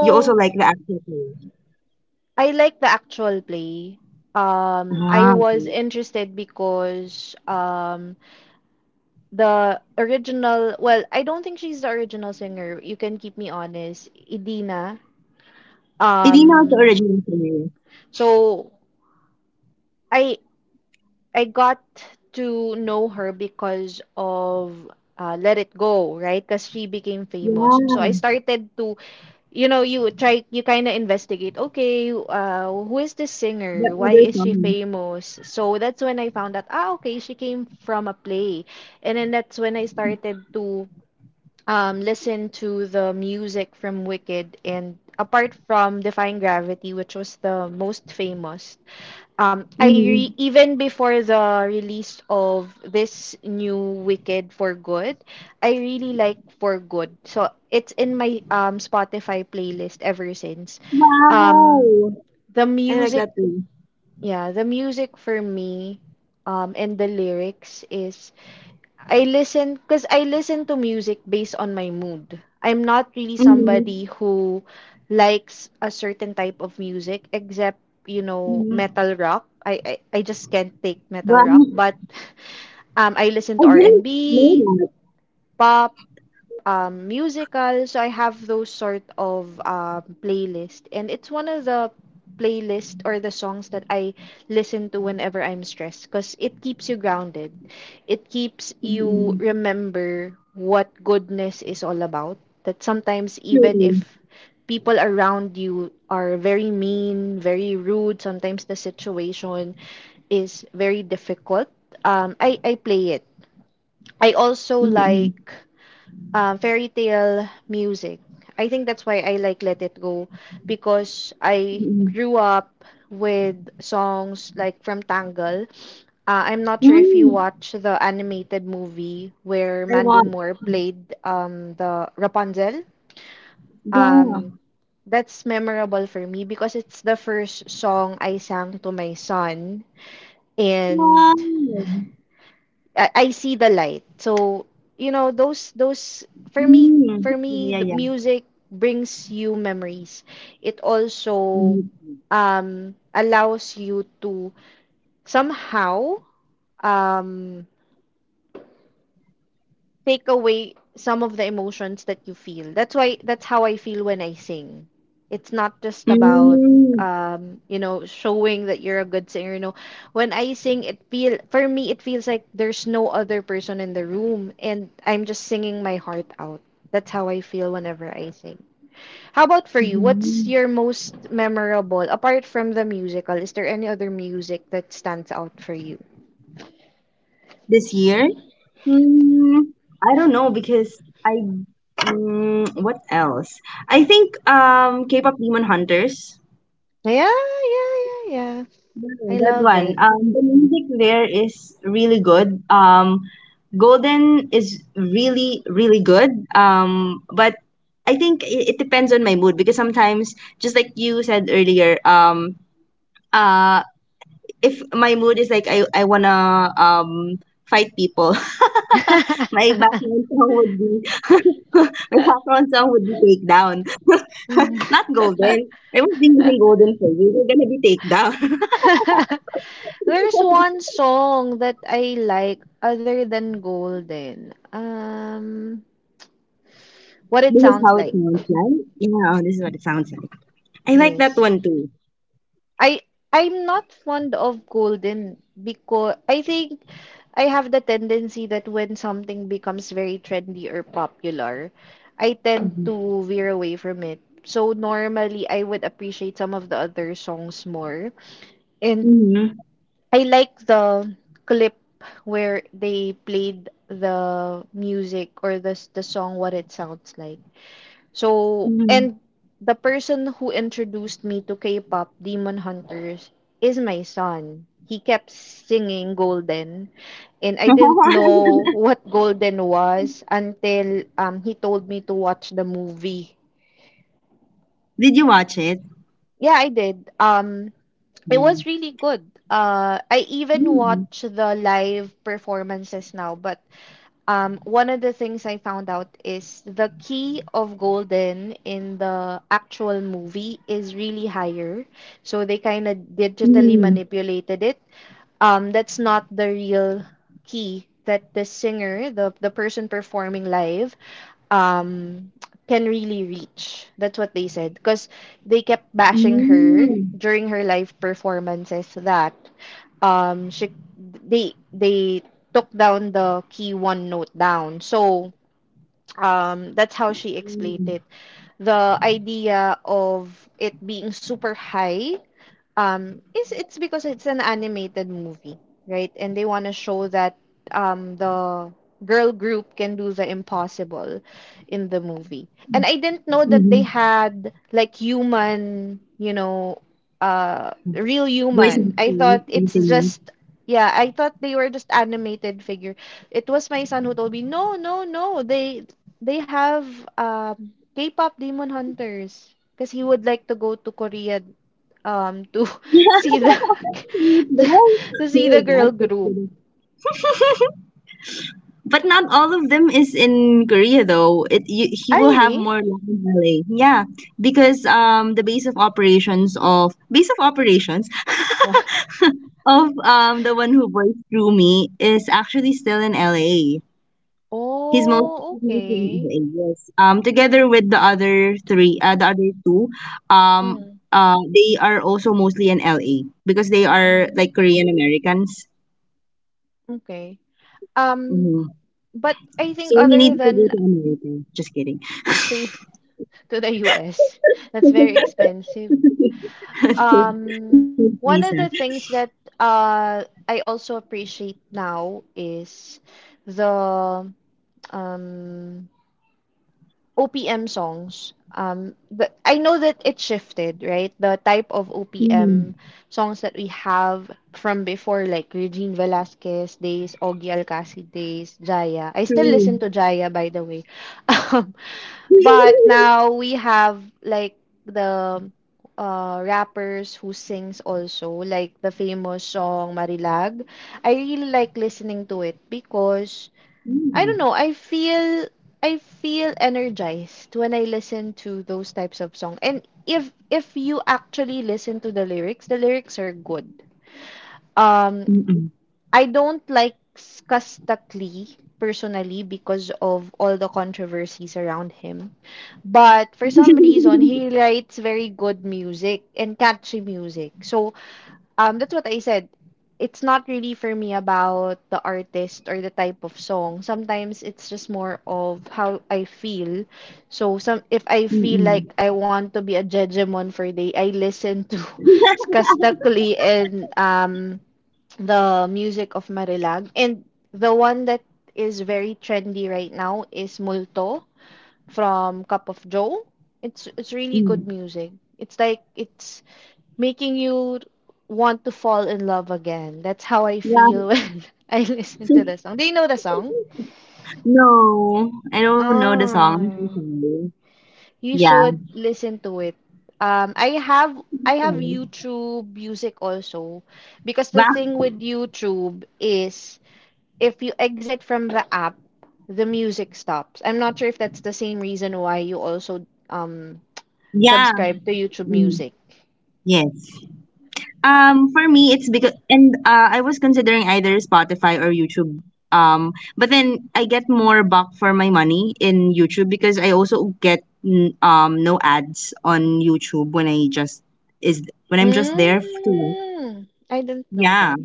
B: you also like the actual player?
A: I like the actual play. Um, I
B: Ah,
A: was
B: okay.
A: interested because um, the original, well, I don't think she's the original singer. You can keep me honest, Idina.
B: Hindi na ito
A: Um,
B: original from you.
A: so I I got to know her because of uh, Let It Go, right? Because she became famous. So I
B: Yeah.
A: started to, you know, you try, you kind of investigate, okay, uh, who is this singer?
B: That
A: Why
B: other
A: is she
B: song.
A: famous? So that's when I found out, ah, okay, she came from a play. And then that's when I started to um, listen to the music from Wicked, and apart from Defying Gravity, which was the most famous, um, I re-
B: Mm.
A: even before the release of this new Wicked for Good, I really like For Good. So it's in my um Spotify playlist ever since. Um,
B: Wow.
A: the
B: I like
A: music,
B: that too.
A: yeah, the music for me, um, and the lyrics is, I listen because I listen to music based on my mood. I'm not really
B: Mm.
A: somebody who likes a certain type of music except, you know,
B: Mm.
A: metal rock. I I, I just can't take metal
B: Wow.
A: rock, but um I listen
B: I
A: to R and
B: didn't know
A: B,
B: that.
A: pop, um, musical. So I have those sort of um, playlist, and it's one of the playlist or the songs that I listen to whenever I'm stressed, because it keeps you grounded. It keeps
B: Mm
A: you
B: Hmm.
A: remember what goodness is all about. That sometimes even
B: True.
A: if people around you are very mean, very rude, sometimes the situation is very difficult. Um, I, I play it. I also
B: Mm Hmm.
A: like um, fairy tale music. I think that's why I like Let It Go, because I
B: Mm-mm.
A: grew up with songs like from Tangle. Uh, I'm not sure if you
B: Mm.
A: watch the animated movie where
B: I
A: Mandy
B: want.
A: Moore played um, the Rapunzel.
B: Yeah.
A: Um, that's memorable for me because it's the first song I sang to my son. And
B: Wow.
A: I, I see the light. So, you know, those those for me,
B: Mm.
A: for me
B: Yeah, yeah,
A: the
B: yeah.
A: music brings you memories. It also
B: Mm.
A: um allows you to somehow um take away some of the emotions that you feel. That's why, that's how I feel when I sing. It's not just about,
B: Mm.
A: um, you know, showing that you're a good singer. You know, when I sing, it feel for me it feels like there's no other person in the room and I'm just singing my heart out. That's how I feel whenever I sing. How about for you? What's
B: Mhm.
A: your most memorable apart from the musical? Is there any other music that stands out for you?
B: This year? Mm, I don't know because I mm, what else? I think um K-pop Demon Hunters.
A: Yeah, yeah, yeah, yeah.
B: Yeah,
A: I
B: that
A: love
B: one.
A: it.
B: Um, the music there is really good. Um, Golden is really really good. Um, but I think it, it depends on my mood because sometimes, just like you said earlier, um, uh, if my mood is like I I wanna um fight people, My background song would be My background song would be takedown. Not golden. I was using golden for you. We're gonna be takedown.
A: There's one song that I like other than Golden. Um, what it
B: This is how
A: sounds
B: it
A: like.
B: sounds like. Yeah, oh, this is what it sounds like. I like that
A: Yes.
B: one too.
A: I, I'm not fond of Golden because I think I have the tendency that when something becomes very trendy or popular, I tend
B: Hmm.
A: to veer away from it. So normally I would appreciate some of the other songs more. And I like the clip where they played the music or the the song what it sounds like. So,
B: Hmm.
A: and the person who introduced me to K-pop, Demon Hunters, is my son. He kept singing Golden, and I didn't know what Golden was until um he told me to watch the movie.
B: Did you watch it?
A: Yeah, I did. Um, It
B: Mm.
A: was really good. Uh, I even
B: Mm.
A: watch the live performances now, but um, one of the things I found out is the key of Golden in the actual movie is really higher. So they kind of digitally
B: Mm.
A: manipulated it. Um, that's not the real key that the singer, the, the person performing live, um, can really reach. That's what they said. Because they kept bashing her
B: Mm.
A: during her live performances that um she they they took down the key one note down. So um that's how she explained
B: Mm.
A: it. The idea of it being super high, um it's it's because it's an animated movie, right, and they want to show that um the girl group can do the impossible in the movie. And I didn't know that they
B: Mhm.
A: had like human, you know, uh, real
B: Voice of the
A: human. I
B: Spirit,
A: thought
B: and
A: it's
B: singer.
A: just, yeah, I thought they were just animated figure. It was my son who told me, no, no, no, they they have, um K-pop Demon Hunters, because he would like to go to Korea um to see the to,
B: Oh,
A: to see the girl
B: so
A: group.
B: But not all of them is in Korea though. It you, he
A: Ah,
B: will have
A: really?
B: more land in L A. Yeah, because um the base of operations of base of operations
A: Wha-
B: of um the one who voiced through me is actually still in L A. He's mostly
A: Oh,
B: he's mostly in
A: okay.
B: L A. Yes. Um, together with the other three, uh, the other two, um,
A: Mm,
B: uh, they are also mostly in L A because they are
A: mm,
B: like Korean Americans.
A: okay. Um,
B: Mm-hmm.
A: but I
B: So
A: think
B: you
A: other
B: need to go
A: than
B: to America. Just kidding.
A: to, to the U S, that's very expensive. Um,
B: Visa.
A: one of the things that uh I also appreciate now is the um O P M songs. Um, but I know that it shifted, right? The type of
B: Mm,
A: O P M songs that we have from before, like Regine Velasquez days, Ogie Alcacid days, Jaya. I still
B: true.
A: listen to Jaya, by the way. Um, but now we have like the uh, rappers who sings also, like the famous song Marilag. I really like listening to it because I
B: Mm,
A: don't know. I feel I feel energized when I listen to those types of song. And if if you actually listen to the lyrics, the lyrics are good. Um,
B: mm-mm.
A: I don't like Kastakli personally because of all the controversies around him. But for some reason, he writes very good music and catchy music. So um, that's what I said. It's not really for me about the artist or the type of song. Sometimes it's just more of how I feel. So some, if I feel like
B: Mm-mm.
A: I want to be a Jejemon for a day, I listen to Kastakli and um the music of Marilag. And the one that is very trendy right now is Multo from Cup of Joe. It's it's really
B: Mm.
A: good music. It's like it's making you want to fall in love again. That's how I
B: Yeah.
A: feel when I listen to the song. Do you know the song?
B: No, I don't know the song. I'm so
A: Oh,
B: sorry.
A: you
B: Yeah.
A: should listen to it. Um, I have I have
B: Okay.
A: YouTube Music also because the
B: But
A: thing with YouTube is if you exit from the app, the music stops. I'm not sure if that's the same reason why you also um
B: yeah.
A: subscribe to YouTube
B: Mm,
A: Music.
B: yes. Um, for me, it's because and uh, I was considering either Spotify or YouTube. Um, but then I get more buck for my money in YouTube because I also get mm, um no ads on YouTube when I just is when I'm just there f- to.
A: Mm, I didn't know
B: Yeah,
A: that.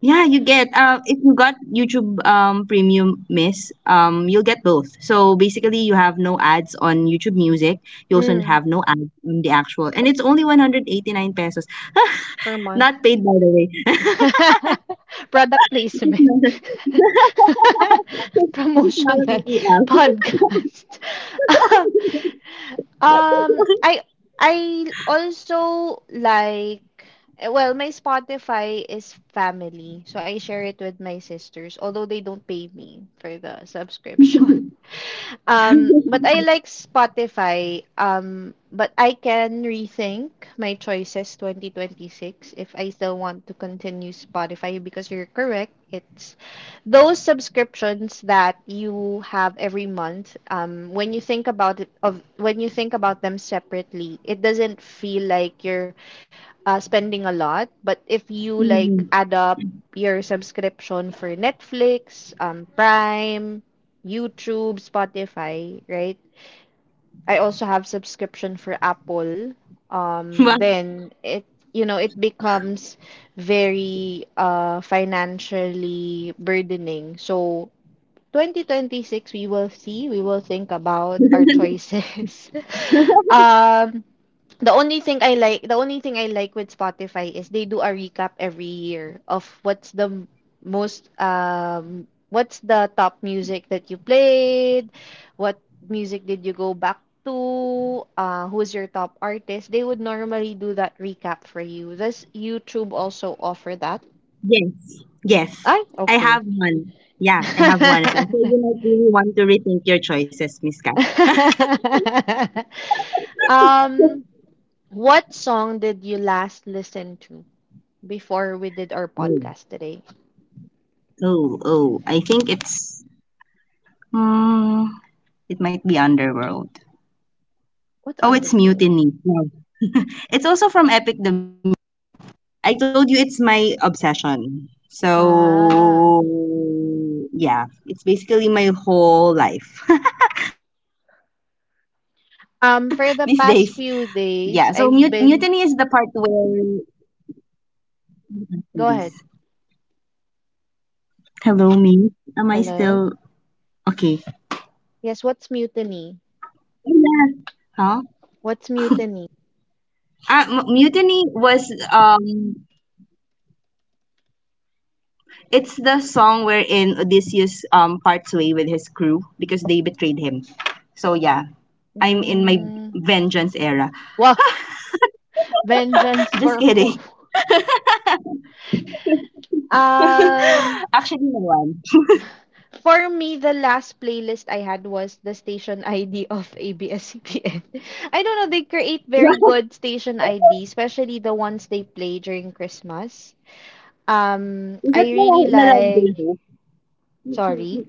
B: yeah, you get uh if you got YouTube um Premium, Miss, um you'll get both. So basically, you have no ads on YouTube Music. You also
A: Mm,
B: have no ads on the actual, and it's only one hundred eighty nine pesos.
A: per month.
B: Not paid, by the way.
A: Product
B: Just
A: placement.
B: noticed it. Just not a
A: Promotional
B: B B L.
A: podcast. Um, um, I I also like eh, well, my Spotify is family, so I share it with my sisters, although they don't pay me for the subscription. Um, but I like Spotify. Um, but I can rethink my choices twenty twenty-six if I still want to continue Spotify because you're correct. It's those subscriptions that you have every month. Um, when you think about it, of when you think about them separately, it doesn't feel like you're uh, spending a lot. But if you like
B: Hmm.
A: add up your subscription for Netflix, um, Prime, YouTube, Spotify, right? I also have subscription for Apple. Um,
B: Well,
A: then it, you know, it becomes very uh financially burdening. So twenty twenty-six we will see, we will think about our choices. Um, the only thing I like, the only thing I like with Spotify is they do a recap every year of what's the m- most um what's the top music that you played, what music did you go back to, uh who's your top artist. They would normally do that recap for you. Does YouTube also offer that?
B: yes, yes,
A: Ay,
B: I
A: okay.
B: have one. Yeah, I have one. So so you might really want to rethink your choices, Miss Kat.
A: Um, what song did you last listen to before we did our
B: Oh,
A: podcast today?
B: oh, oh, I think it's. Hmm, it might be Underworld.
A: What
B: Oh, it's
A: underwear?
B: Mutiny. No, it's also from Epic the Music. I told you it's my obsession. So
A: Ah.
B: yeah, it's basically my whole life these days. Yeah, so mut- mutiny is the part
A: Um, for
B: where
A: the past few days, I've been.
B: this. Hello, me.
A: Go ahead.
B: Am I still okay? Yeah.
A: Hello?
B: Huh?
A: Yes, what's mutiny?
B: Uh, M- Mutiny was um.
A: What's mutiny?
B: It's the song wherein Odysseus um parts way with his crew because they betrayed him. So yeah, I'm in my vengeance era.
A: Mm. Wow,
B: Just kidding.
A: vengeance for who?
B: Actually, no
A: Um,
B: one.
A: for me, the last playlist I had was the station I D of A B S-C B N. I don't know, they create very good station I D, especially the ones they play during Christmas. Um,
B: Is
A: I
B: that the
A: really
B: one with
A: like.
B: Lovejoy Hope?
A: Sorry.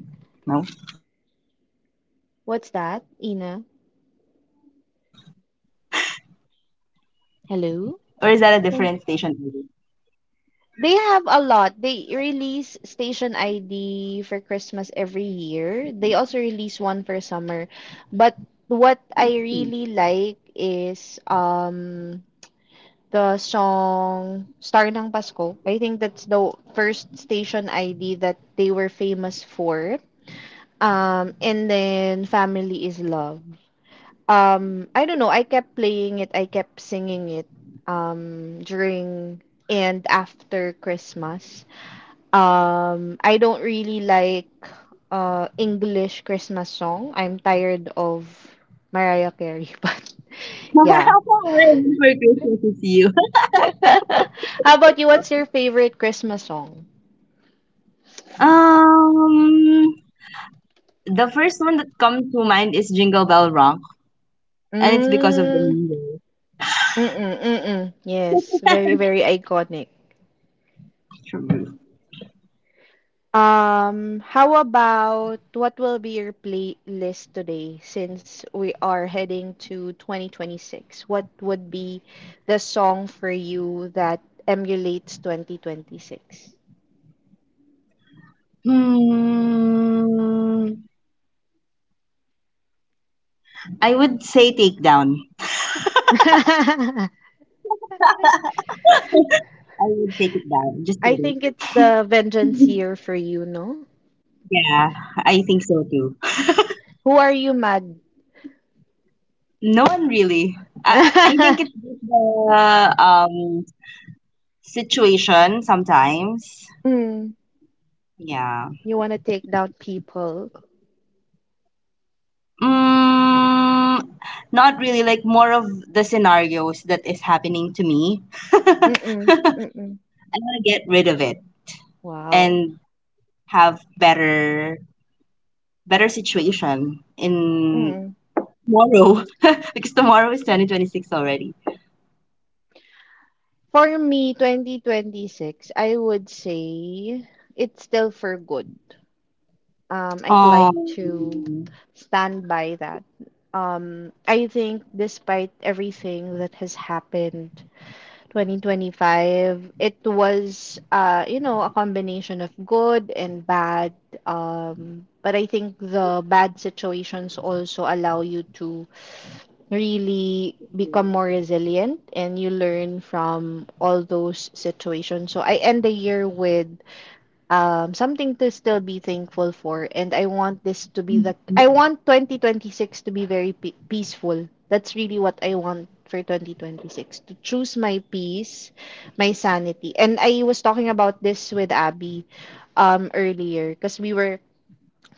B: No.
A: What's that,
B: Is that the one
A: Ina?
B: with Lovejoy Hope? No.
A: Hello?
B: Or is that a different
A: Can-
B: station?
A: they have a lot. They release Station I D for Christmas every year. They also release one for summer. But what I really like is um the song Star ng Pasko. I think that's the first Station I D that they were famous for. Um, and then Family is Love. Um, I don't know. I kept playing it. I kept singing it um, during and after Christmas. Um, I don't really like uh, English Christmas song. I'm tired of Mariah Carey, but yeah.
B: Waiting for Christmas is you.
A: How about you? What's your favorite Christmas song?
B: Um, the first one that comes to mind is Jingle Bell Rock, and it's because of the
A: Mm,
B: music.
A: mm-mm, mm-mm. Yes, very, very iconic.
B: True.
A: Um, how about what will be your playlist today since we are heading to twenty twenty-six? What would be the song for you that emulates twenty twenty-six?
B: Hmm. I would say take down.
A: I
B: I would take it down. Just kidding.
A: think it's the vengeance year for you, no?
B: Yeah, I think so too.
A: Who are you mad?
B: No one really. I I I think it's just the um situation sometimes.
A: Mm,
B: Yeah.
A: you want to take down people.
B: Mm, not really. Like more of the scenarios that is happening to me.
A: Mm-mm, mm-mm.
B: I want to get rid of it
A: Wow.
B: and have better better situation in
A: Mm-mm.
B: tomorrow because tomorrow is twenty twenty six already.
A: For me, twenty twenty-six, I would say it's still for good. Um, I'd like
B: Um.
A: to stand by that. Um, I think despite everything that has happened, twenty twenty-five, it was, uh, you know, a combination of good and bad. Um, but I think the bad situations also allow you to really become more resilient and you learn from all those situations. So I end the year with um something to still be thankful for and I want this to be the I want twenty twenty-six to be very pe- peaceful. That's really what I want for twenty twenty-six to choose my peace, my sanity. And I was talking about this with Abby um earlier because we were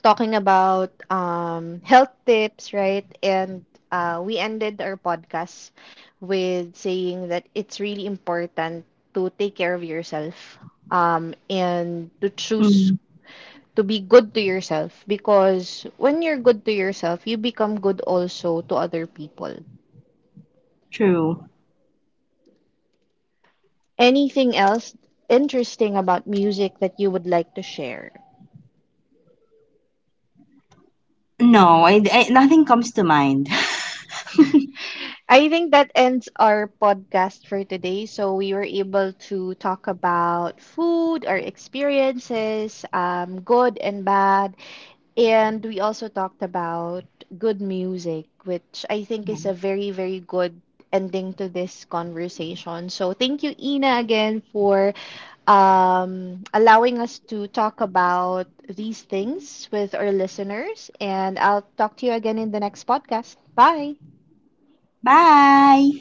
A: talking about um, health tips, right? And uh, we ended our podcast with saying that it's really important to take care of yourself um, and
B: mm,
A: to choose to be good to yourself because when you're good to yourself, you become good also to other people.
B: True.
A: Anything else interesting about music that you would like to share?
B: No, I, I nothing comes to mind.
A: I think that ends our podcast for today. So we were able to talk about food, our experiences, um, good and bad, and we also talked about good music, which I think is a very, very good ending to this conversation. So thank you, Ina, again for um, allowing us to talk about these things with our listeners. And I'll talk to you again in the next podcast. Bye.
B: Bye.